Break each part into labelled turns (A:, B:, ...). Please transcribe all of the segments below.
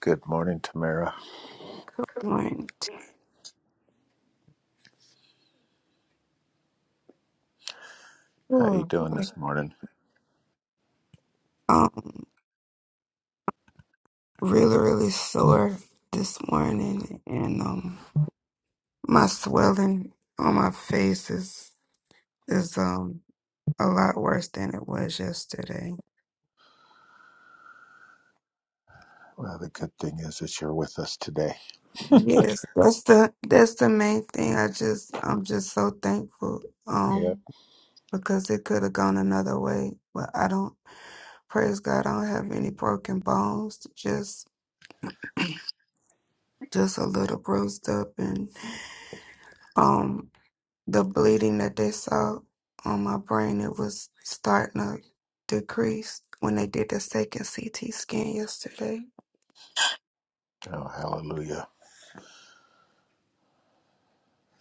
A: Good morning, Tamara.
B: One,
A: How you
B: two.
A: doing
B: Like,
A: this morning?
B: um, really, really sore this morning, and um, my swelling on my face is is um a lot worse than it was yesterday.
A: Well, the good thing is that you're with us today.
B: Yes, that's the that's the main thing. I just I'm just so thankful
A: Yep.
B: um because it could have gone another way, but I don't. Praise God, I don't have any broken bones. Just just a little bruised up and. um, the bleeding that they saw on my brain, it was starting to decrease when they did the second CT scan yesterday.
A: Oh, hallelujah.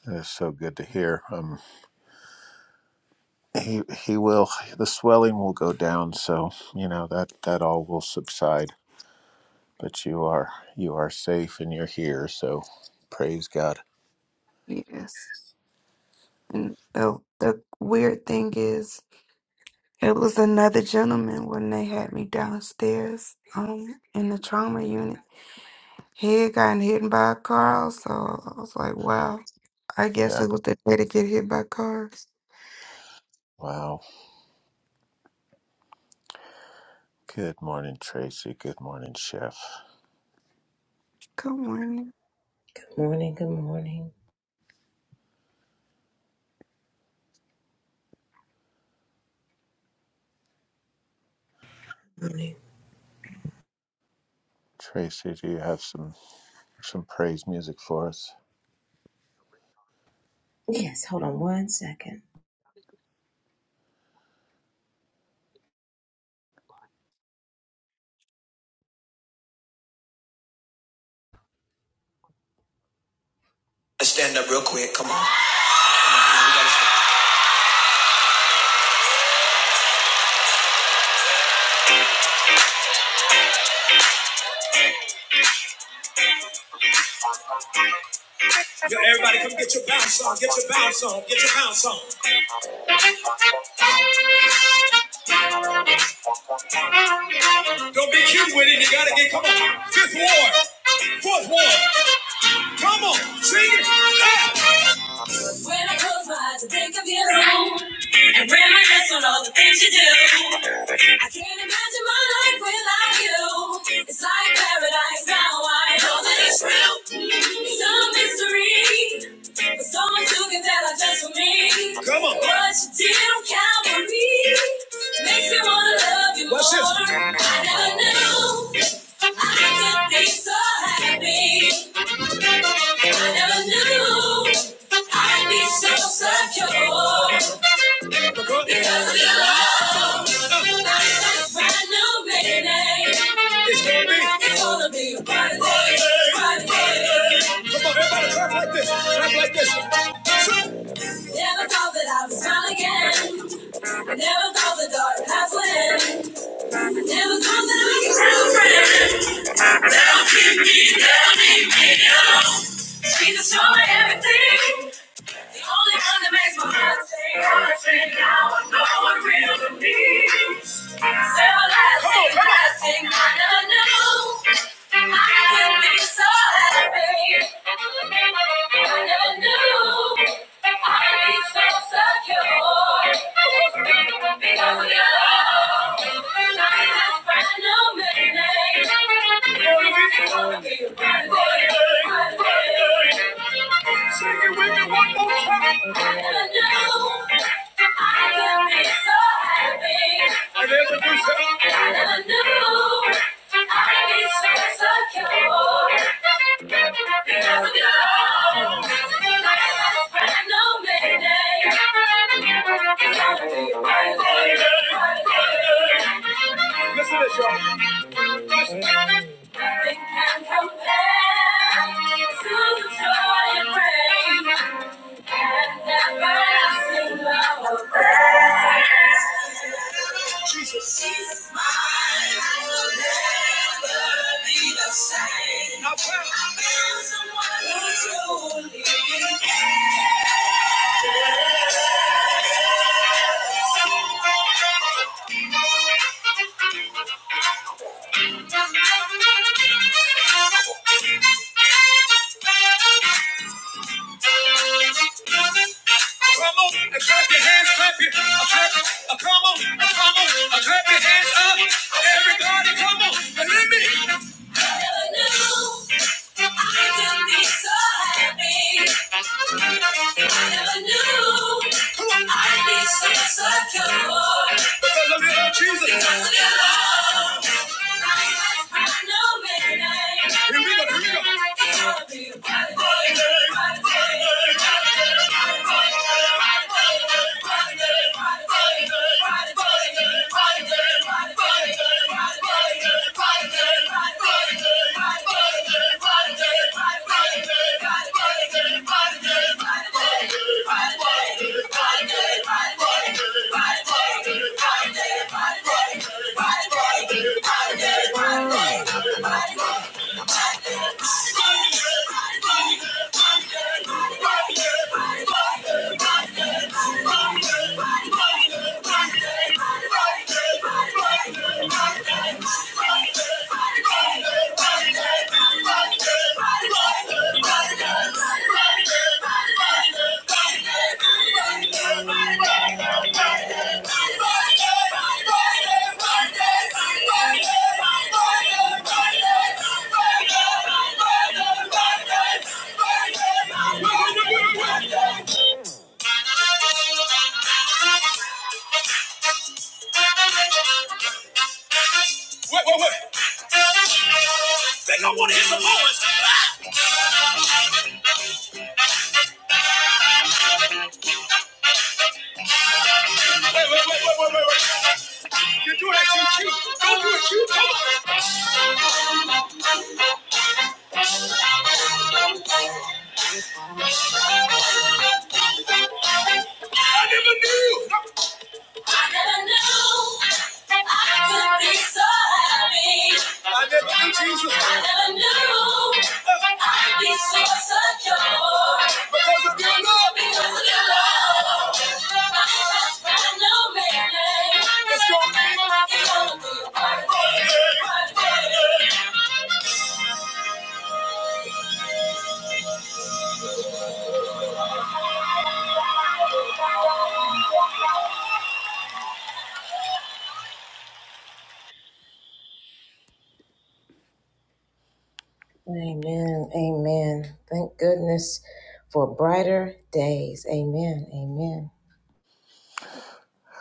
A: It's so good to hear. Um, he he will. The swelling will go down, so you know that that all will subside. But you are you are safe and you're here, so praise God.
B: Yes. And the, the weird thing is, it was another gentleman when they had me downstairs um, in the trauma unit. He had gotten hit by a car, so I was like, wow, I guess
A: Yeah.
B: it was the day to get hit by cars.
A: Wow. Good morning, Tracy. Good morning, Chef.
B: Good morning.
A: Tracy, do you have some some praise music for us?
C: stand up real quick. Come on. Yeah, Yo, everybody, come get your bounce on. Get your bounce on. Get your bounce on. Don't be cute with it. You gotta get. Come on. Fifth ward. Fourth ward. Come on. Sing it. Yeah. When I close my eyes, I think of you. And when I miss on all the things you do. I can't imagine my life without you. It's like paradise now. I know that it's real. Some mystery, but so much you can tell are just for me. Come on. What you did on Calvary makes me wanna love you more. I never knew. I could be so happy. I never knew I'd be so secure because of your love. It's a brand new beginning. It's gonna be. It's gonna be a bright day. Bright day. Come on, everybody, clap like this. Clap like this. Never thought that I was found again. Never thought the dark past would end. Never thought that I could have a friend. Jesus, you're my everything. The only one that makes my heart sing. Everything now I know what real to me. Everlasting, blessing, I never knew. I could be so happy. I never knew I'd be so secure because of your love. Now just brand new meaning. It's gonna be a bright day, Sing it with me one more time. I never knew I could be so happy. I never knew. new And I never knew I'd be so secure. Years ago, I had no mayday. It's gonna be Friday, Friday. Listen to this, y'all. Nothing can compare to the joy it brings. Jesus. Jesus, my life will never be the same. No I found someone who truly is. Come on, and clap your hands, clap your, uh, clap, uh, come on, uh, come on, uh, clap your hands up. Everybody, come on, and let me. I never knew I could be so happy. I never knew I'd be so secure. Because of you, Jesus. Because of your love, I know, baby. Here we go. Here we go. Friday. Friday. Friday. Friday. Friday. Friday. Friday. Friday. Friday. Friday. Friday. Friday. Friday. Friday. Friday, Thank you. Wait, wait, wait. They don't want to hear the boys. Wait, wait, wait, wait, wait, wait, wait. You do that too cute. Don't do it cute. Come on. I never knew. I never knew I could be so happy. I never knew Jesus. I never knew I'd be so secure. Because of your love. Because of your love. My best friend knew me. It's gonna be. It's gonna be a party. Party.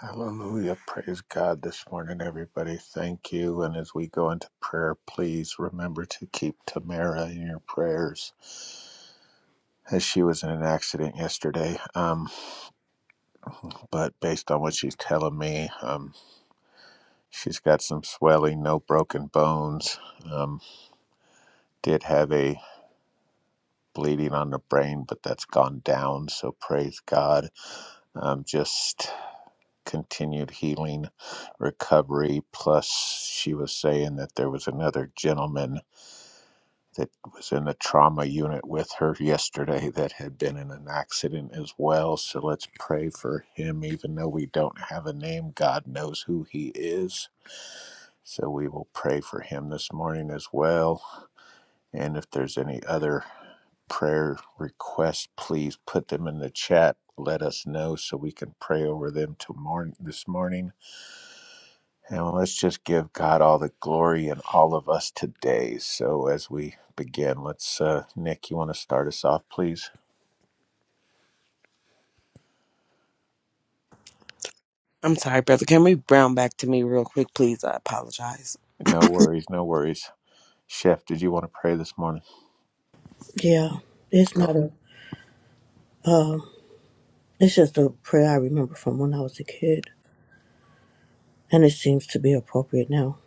A: Hallelujah. Praise God this morning, everybody. Thank you. And as we go into prayer, please remember to keep Tamara in your prayers, as she was in an accident yesterday. Um, but based on what she's telling me, um, she's got some swelling, no broken bones. Um, did have a bleeding on the brain, but that's gone down. So praise God. Um, just continued healing, recovery. Plus, she was saying that there was another gentleman that was in the trauma unit with her yesterday that had been in an accident as well. So let's pray for him, even though we don't have a name. God knows who he is. So we will pray for him this morning as well. And if there's any other prayer requests, please put them in the chat. Let us know so we can pray over them tomorrow this morning and let's just give God all the glory and all of us today. So as we begin, let's, uh, Nick, you want to start us off, please?
D: I'm sorry, brother. Can we brown back to me real quick, please? I apologize.
A: No worries, no worries. Chef, did you want to pray this morning?
E: Yeah, it's
A: Go.
E: not a. Uh, it's just a prayer I remember from when I was a kid, and it seems to be appropriate now.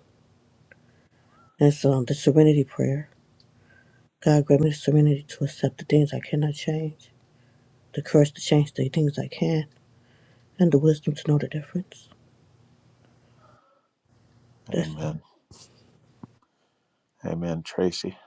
E: It's um the Serenity Prayer. God grant me the serenity to accept the things I cannot change, the courage to change the things I can, and the wisdom to know the difference.
A: Amen. Amen, Tracy.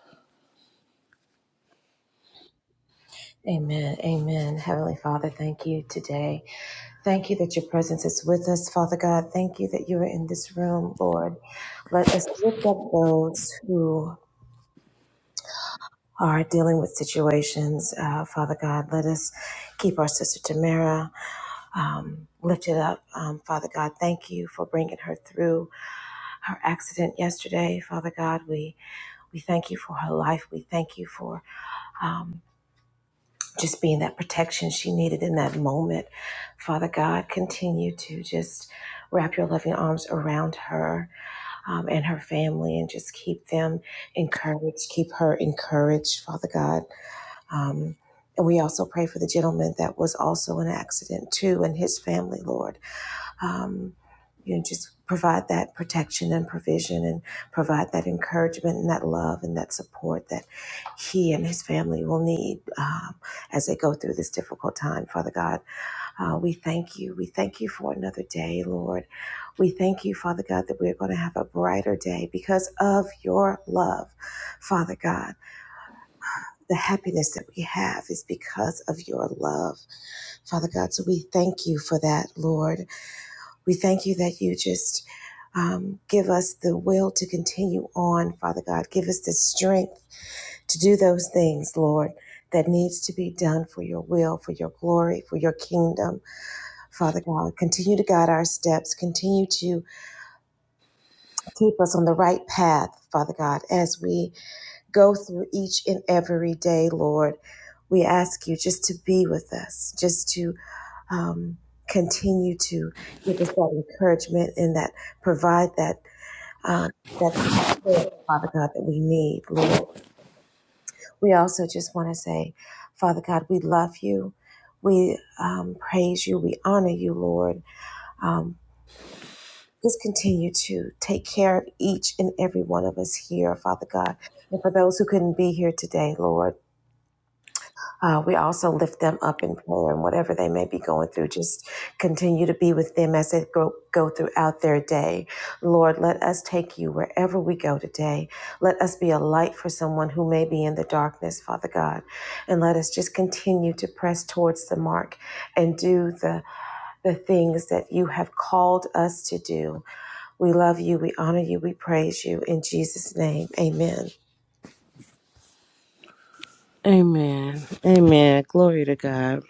D: Amen. Amen. Glory to God.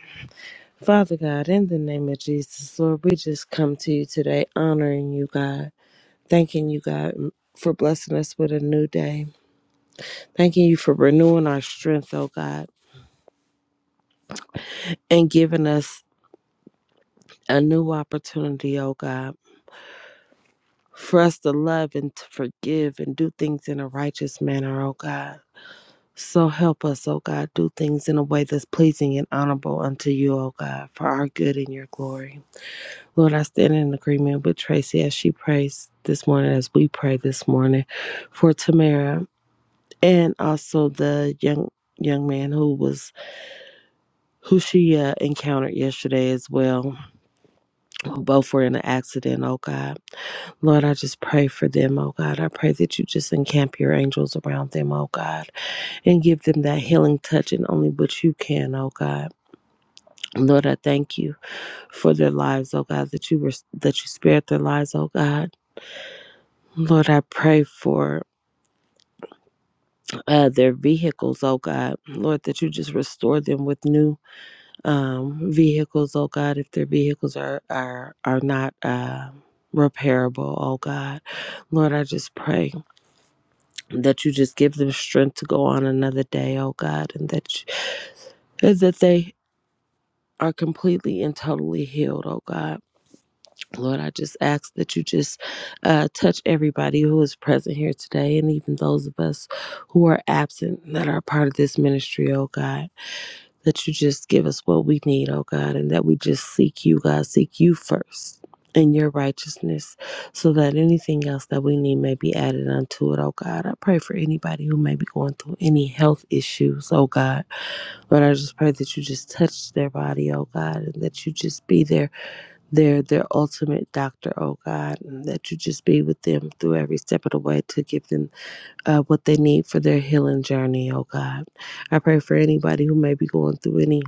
D: Father God, in the name of Jesus, Lord, we just come to you today, honoring you, God, thanking you, God, for blessing us with a new day. Thanking you for renewing our strength, oh God, and giving us a new opportunity, oh God, for us to love and to forgive and do things in a righteous manner, oh God. So help us, O God, do things in a way that's pleasing and honorable unto you, O God, for our good and your glory. Lord, I stand in agreement with Tracy as she prays this morning, as we pray this morning for Tamara and also the young young man who was who she uh, encountered yesterday as well who both were in an accident oh god lord i just pray for them oh god i pray that you just encamp your angels around them oh god and give them that healing touch and only what you can oh god Lord, I thank you for their lives, oh God, that you were that you spared their lives, oh God. Lord, I pray for uh, their vehicles, oh God. Lord, that you just restore them with new um, vehicles, oh God, if their vehicles are are are not uh, repairable, oh God. Lord, I just pray that you just give them strength to go on another day, oh God, and that you, and that they are completely and totally healed, oh God. Lord, I just ask that you just uh, touch everybody who is present here today and even those of us who are absent that are part of this ministry, oh God. That you just give us what we need, oh God, and that we just seek you, God, seek you first in your righteousness so that anything else that we need may be added unto it, oh God. I pray for anybody who may be going through any health issues, oh God. Lord, I just pray that you just touch their body, oh God, and that you just be there they're their ultimate doctor, oh God, and that you just be with them through every step of the way to give them uh, what they need for their healing journey, oh God. I pray for anybody who may be going through any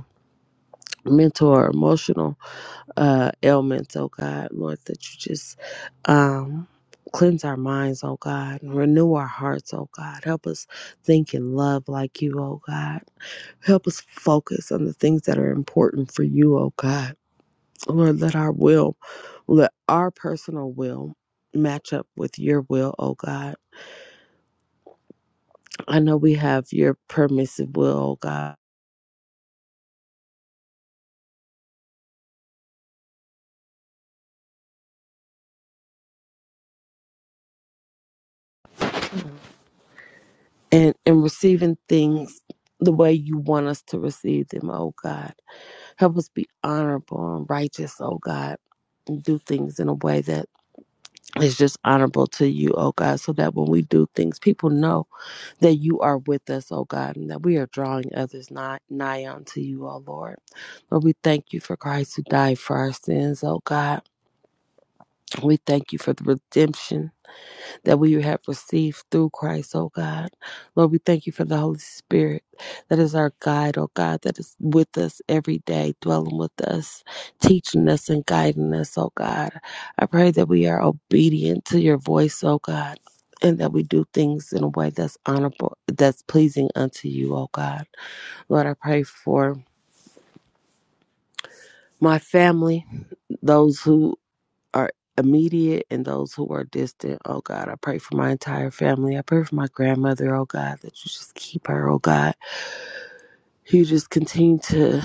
D: mental or emotional uh, ailments, oh God, Lord, that you just um, cleanse our minds, oh God, and renew our hearts, oh God. Help us think and love like you, oh God. Help us focus on the things that are important for you, oh God. Lord, let our will, let our personal will match up with your will, oh God. I know we have your permissive will, oh God. And in receiving things the way you want us to receive them, oh God. Help us be honorable and righteous, oh God. And do things in a way that is just honorable to you, oh God, so that when we do things, people know that you are with us, O God, and that we are drawing others nigh, nigh unto you, O Lord. Lord, we thank you for Christ who died for our sins, O God. We thank you for the redemption that we have received through Christ, oh God. Lord, we thank you for the Holy Spirit that is our guide, oh God, that is with us every day, dwelling with us, teaching us and guiding us, oh God. I pray that we are obedient to your voice, oh God. And that we do things in a way that's honorable, that's pleasing unto you, oh God. Lord, I pray for my family, those who are immediate and those who are distant. Oh God, I pray for my entire family. I pray for my grandmother, oh God, that you just keep her, oh God. You just continue to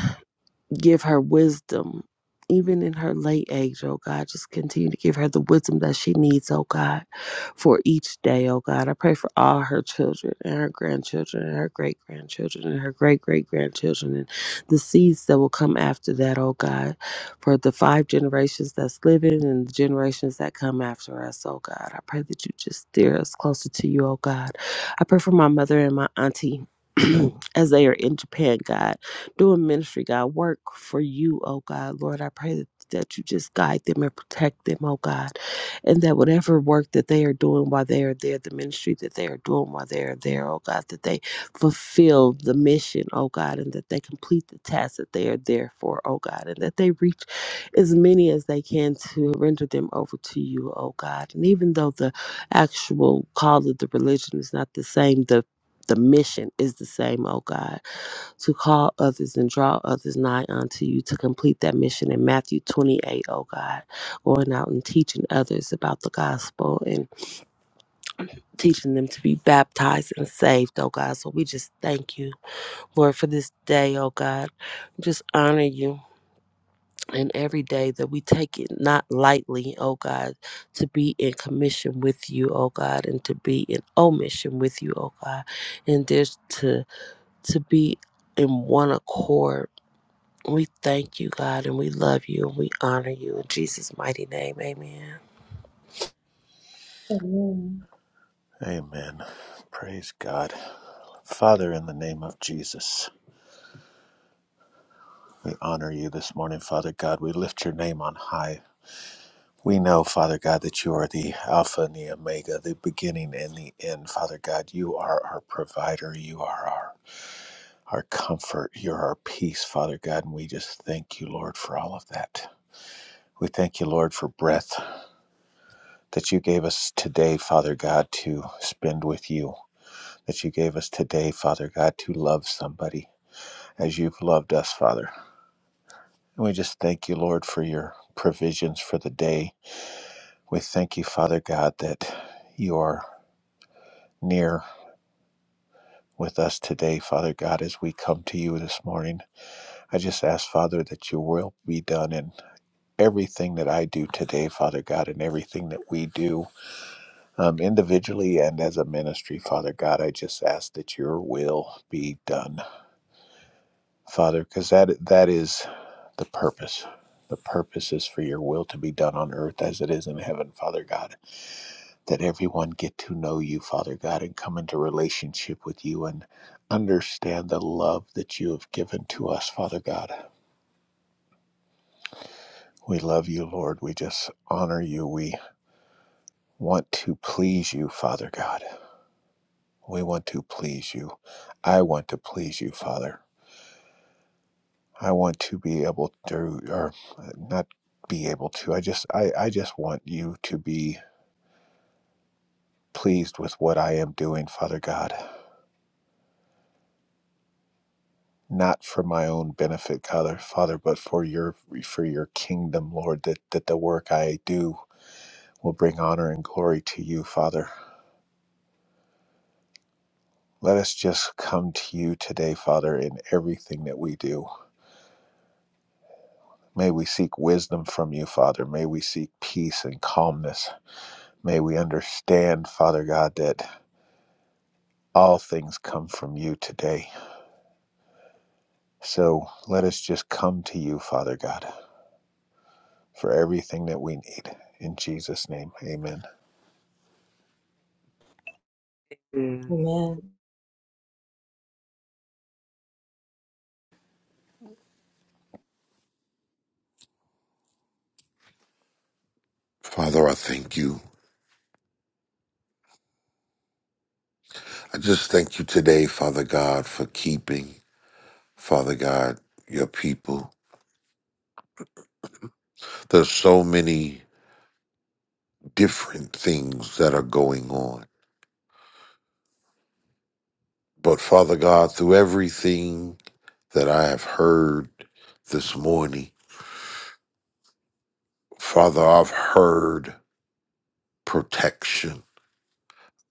D: give her wisdom, even in her late age, oh God. Just continue to give her the wisdom that she needs, oh God, for each day, oh God. I pray for all her children and her grandchildren and her great grandchildren and her great great grandchildren and the seeds that will come after that, oh God, for the five generations that's living and the generations that come after us, oh God. I pray that you just steer us closer to you, oh God. I pray for my mother and my auntie as they are in Japan, God doing ministry, God. Work for you, oh God. Lord, I pray that, that you just guide them and protect them, oh God. And that whatever work that they are doing while they are there, the ministry that they are doing while they are there, oh God, that they fulfill the mission, oh God, and that they complete the task that they are there for, oh God, and that they reach as many as they can to render them over to you, oh God. And even though the actual call of the religion is not the same, the the mission is the same, oh God to call others and draw others nigh unto you to complete that mission in Matthew 28, oh God, going out and teaching others about the gospel and teaching them to be baptized and saved, oh God. So we just thank you, Lord, for this day, oh God. Just honor you. And every day that we take it not lightly, oh God, to be in commission with you, oh God, and to be in omission with you, oh God, and there's to to be in one accord We thank you, God, and we love you and we honor you in Jesus' mighty name. Amen.
A: Amen. Praise God. Father, in the name of Jesus, we honor you this morning, Father God. We lift your name on high. We know, Father God, that you are the Alpha and the Omega, the beginning and the end. Father God, you are our provider. You are our our comfort. You're our peace, Father God, and we just thank you, Lord, for all of that. We thank you, Lord, for breath that you gave us today, Father God, to spend with you, that you gave us today, Father God, to love somebody as you've loved us, Father. And we just thank you, Lord, for your provisions for the day. We thank you, Father God, that you are near with us today, Father God, as we come to you this morning. I just ask, Father, that your will be done in everything that I do today, Father God, and everything that we do um, individually and as a ministry, Father God. I just ask that your will be done, Father, because that that is the purpose. The purpose is for your will to be done on earth as it is in heaven, Father God. That everyone get to know you, Father God, and come into relationship with you and understand the love that you have given to us, Father God. We love you, Lord. We just honor you. We want to please you, Father God. We want to please you. I want to please you, Father. I want to be able to, or uh, not be able to. I just, I, I just want you to be pleased with what I am doing, Father God. Not for my own benefit, Father, Father, but for your, for your kingdom, Lord. That that the work I do will bring honor and glory to you, Father. Let us just come to you today, Father, in everything that we do May we seek wisdom from you, Father. May we seek peace and calmness. May we understand, Father God, that all things come from you today. So let us just come to you, Father God, for everything that we need. In Jesus' name, amen.
F: Father, I thank you. I just thank you today, Father God, for keeping, Father God, your people. There's so many different things that are going on. But Father God, through everything that I have heard this morning, Father, I've heard protection.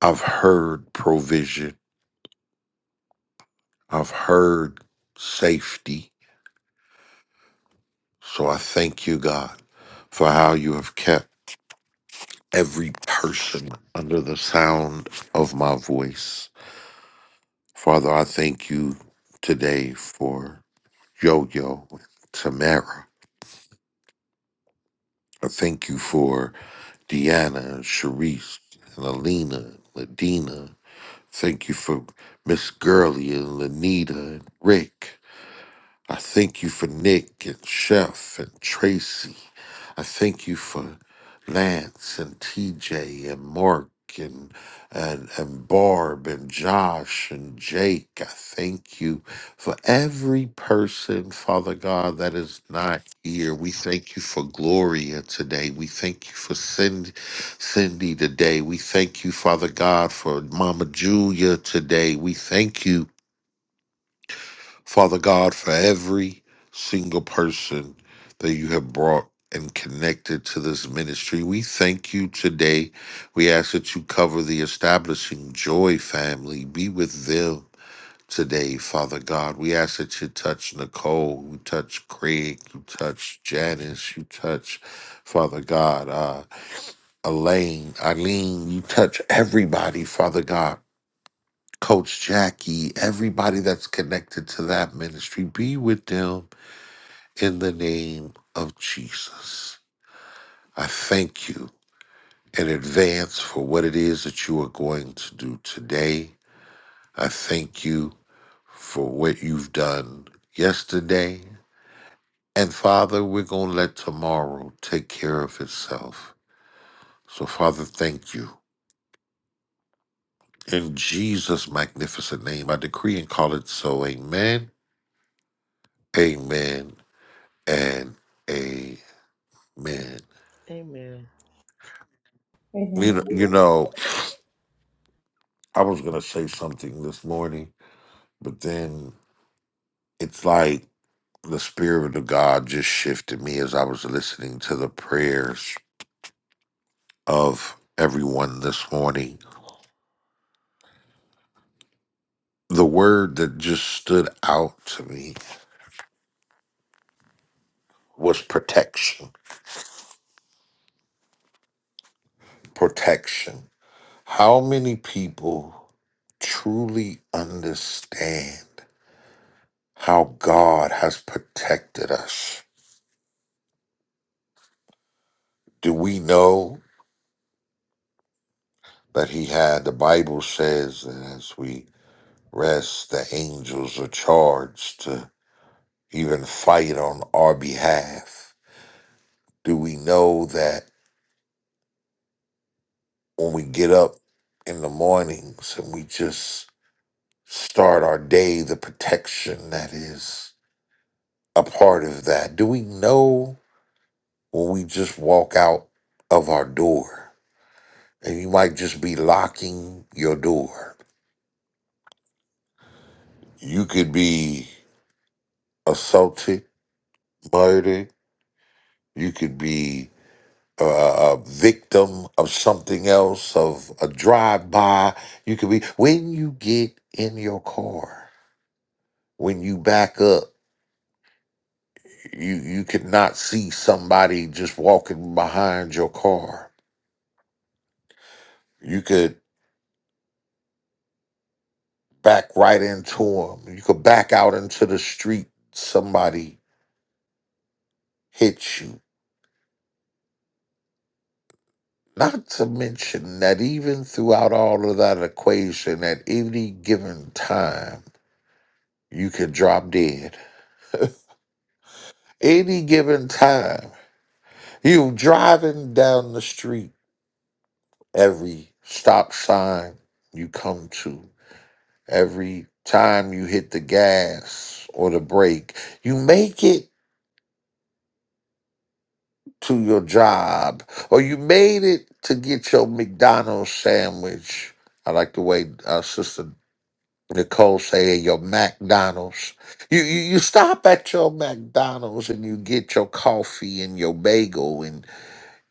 F: I've heard provision. I've heard safety. So I thank you, God, for how you have kept. every person under the sound of my voice. Father, I thank you today for Yo Yo and Tamara. I thank you for Deanna and Sharice and Alina and Ladina. Thank you for Miss Gurley and Lanita and Rick. I thank you for Nick and Chef and Tracy I thank you for Lance and TJ and Mark and and and Barb and Josh and Jake. I thank you for every person, Father God, that is not here. We thank you for Gloria today. We thank you for Cindy, Cindy today. We thank you, Father God, for Mama Julia today. We thank you. Father God, for every single person that you have brought and connected to this ministry, we thank you today. We ask that you cover the establishing joy family, be with them. Today, Father God, we ask that you touch Nicole, you touch Craig, you touch Janice, you touch, Father God, uh, Elaine, Eileen, you touch everybody, Father God Coach Jackie, everybody that's connected to that ministry, be with them in the name of Jesus. I thank you in advance for what it is that you are going to do today. I thank you for what you've done yesterday. And Father, we're going to let tomorrow take care of itself. So, Father, thank you. In Jesus' magnificent name, I decree and call it so. Amen, amen, and amen. Man,
D: Amen.
F: you know, you know, I was gonna say something this morning, but then it's like the spirit of God just shifted me as I was listening to the prayers of everyone this morning. The word that just stood out to me was protection. Protection. How many people truly understand how God has protected us? Do we know? That he had, the Bible says, and as we rest, the angels are charged to even fight on our behalf. Do we know that when we get up in the mornings and we just start our day, the protection that is a part of that? Do we know when we just walk out of our door and you might just be locking your door? You could be assaulted, murdered You could be a, a victim of something else, of a drive by. You could be when you get in your car, when you back up, you you could not see somebody just walking behind your car. You could back right into them. You could back out into the street. Somebody hit you. Not to mention that even throughout all of that equation, at any given time, you could drop dead Any given time, you driving down the street, every stop sign you come to, every time you hit the gas or the brake, you make it to your job or you made it to get your McDonald's sandwich. I like the way our sister Nicole say "Hey, your McDonald's. You, you you stop at your McDonald's and you get your coffee and your bagel and.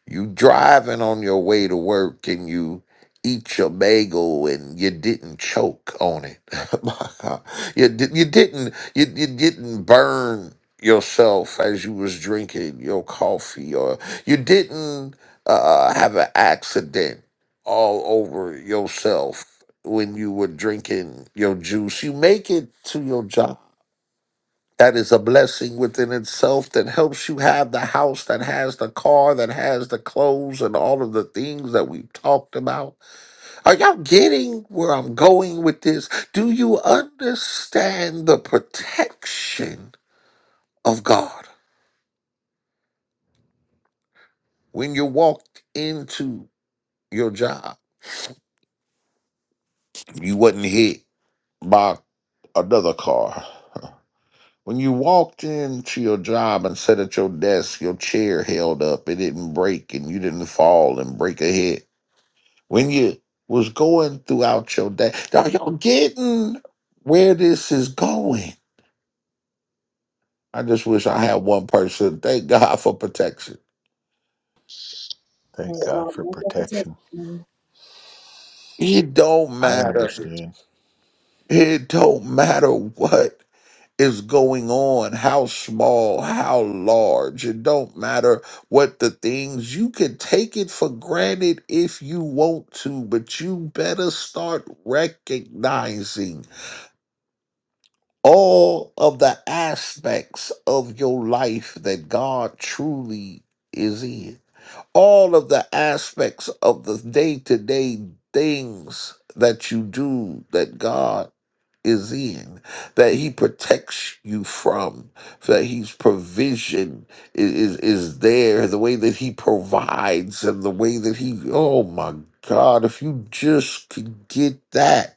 F: You driving on your way to work and you eat your bagel and you didn't choke on it. My God. you, di- you didn't you, you didn't burn yourself as you was drinking your coffee or you didn't uh, have an accident all over yourself when you were drinking your juice. You make it to your job that is a blessing within itself that helps you have the house that has the car, that has the clothes, and all of the things that we've talked about. Are y'all getting where I'm going with this? Do you understand the protection of God? When you walked into your job, you wasn't hit by another car. When you walked into your job and sat at your desk, your chair held up, it didn't break, and you didn't fall and break a head. when you was going throughout your day. Are y'all getting where this is going? I just wish I had one person. Thank God for protection.
A: Thank God for protection.
F: It don't
A: I
F: matter.
A: understand.
F: It don't matter what is going on, how small, how large. It don't matter what the things. You can take it for granted if you want to, but you better start recognizing all of the aspects of your life that God truly is in, all of the aspects of the day to day things that you do that God is in, that He protects you from, that His provision is, is, is there, the way that He provides and the way that He, oh my God, if you just could get that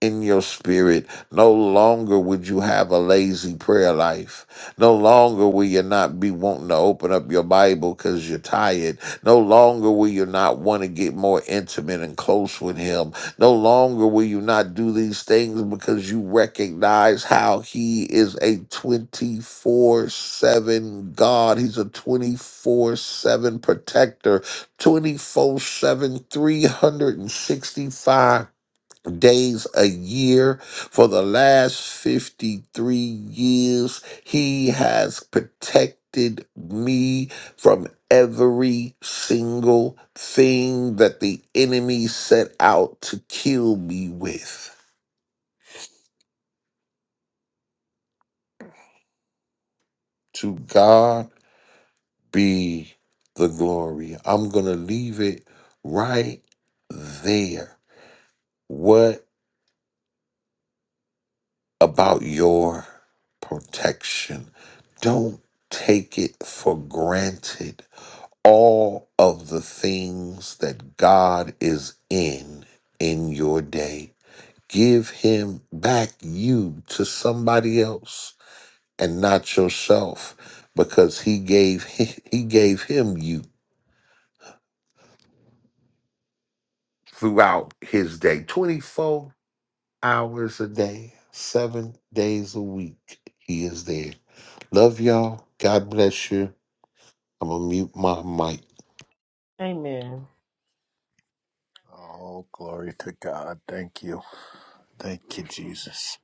F: in your spirit. No longer would you have a lazy prayer life. No longer will you not be wanting to open up your Bible because you're tired. No longer will you not want to get more intimate and close with Him. No longer will you not do these things because you recognize how He is a 24 7 God. He's a 24 7 protector, Twenty-four-seven, three hundred and sixty-five days a year for the last 53 years. He has protected me from every single thing that the enemy set out to kill me with. To God be the glory. I'm going to leave it right there. What about your protection? Don't take it for granted all of the things that God is in in your day. Give him back you to somebody else and not yourself because he gave he gave him you throughout his day 24 hours a day, 7 days a week. He is there. Love y'all. God bless you. I'm going to mute my mic.
D: Amen.
A: Oh, glory to God. Thank you. Thank you, Jesus.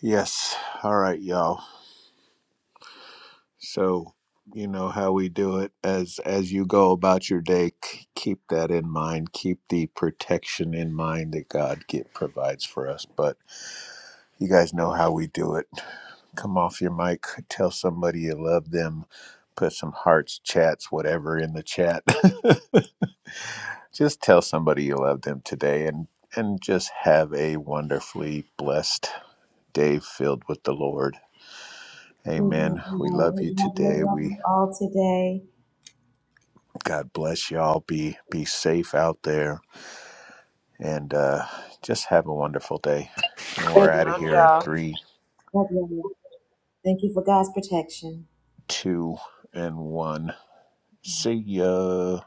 A: Yes. All right, y'all. So, you know how we do it as as you go about your day, k- keep that in mind. Keep the protection in mind that God get provides for us. But you guys know how we do it. Come off your mic, tell somebody you love them, put some hearts, chats, whatever in the chat. just tell somebody you love them today and and just have a wonderfully blessed day filled with the Lord. Amen. We love you today. We God bless y'all. Be be safe out there, and uh, just have a wonderful day. And we're out of
D: Love
A: here in
D: y'all.
A: three, two, and one. See ya.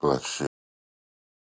F: Bless you.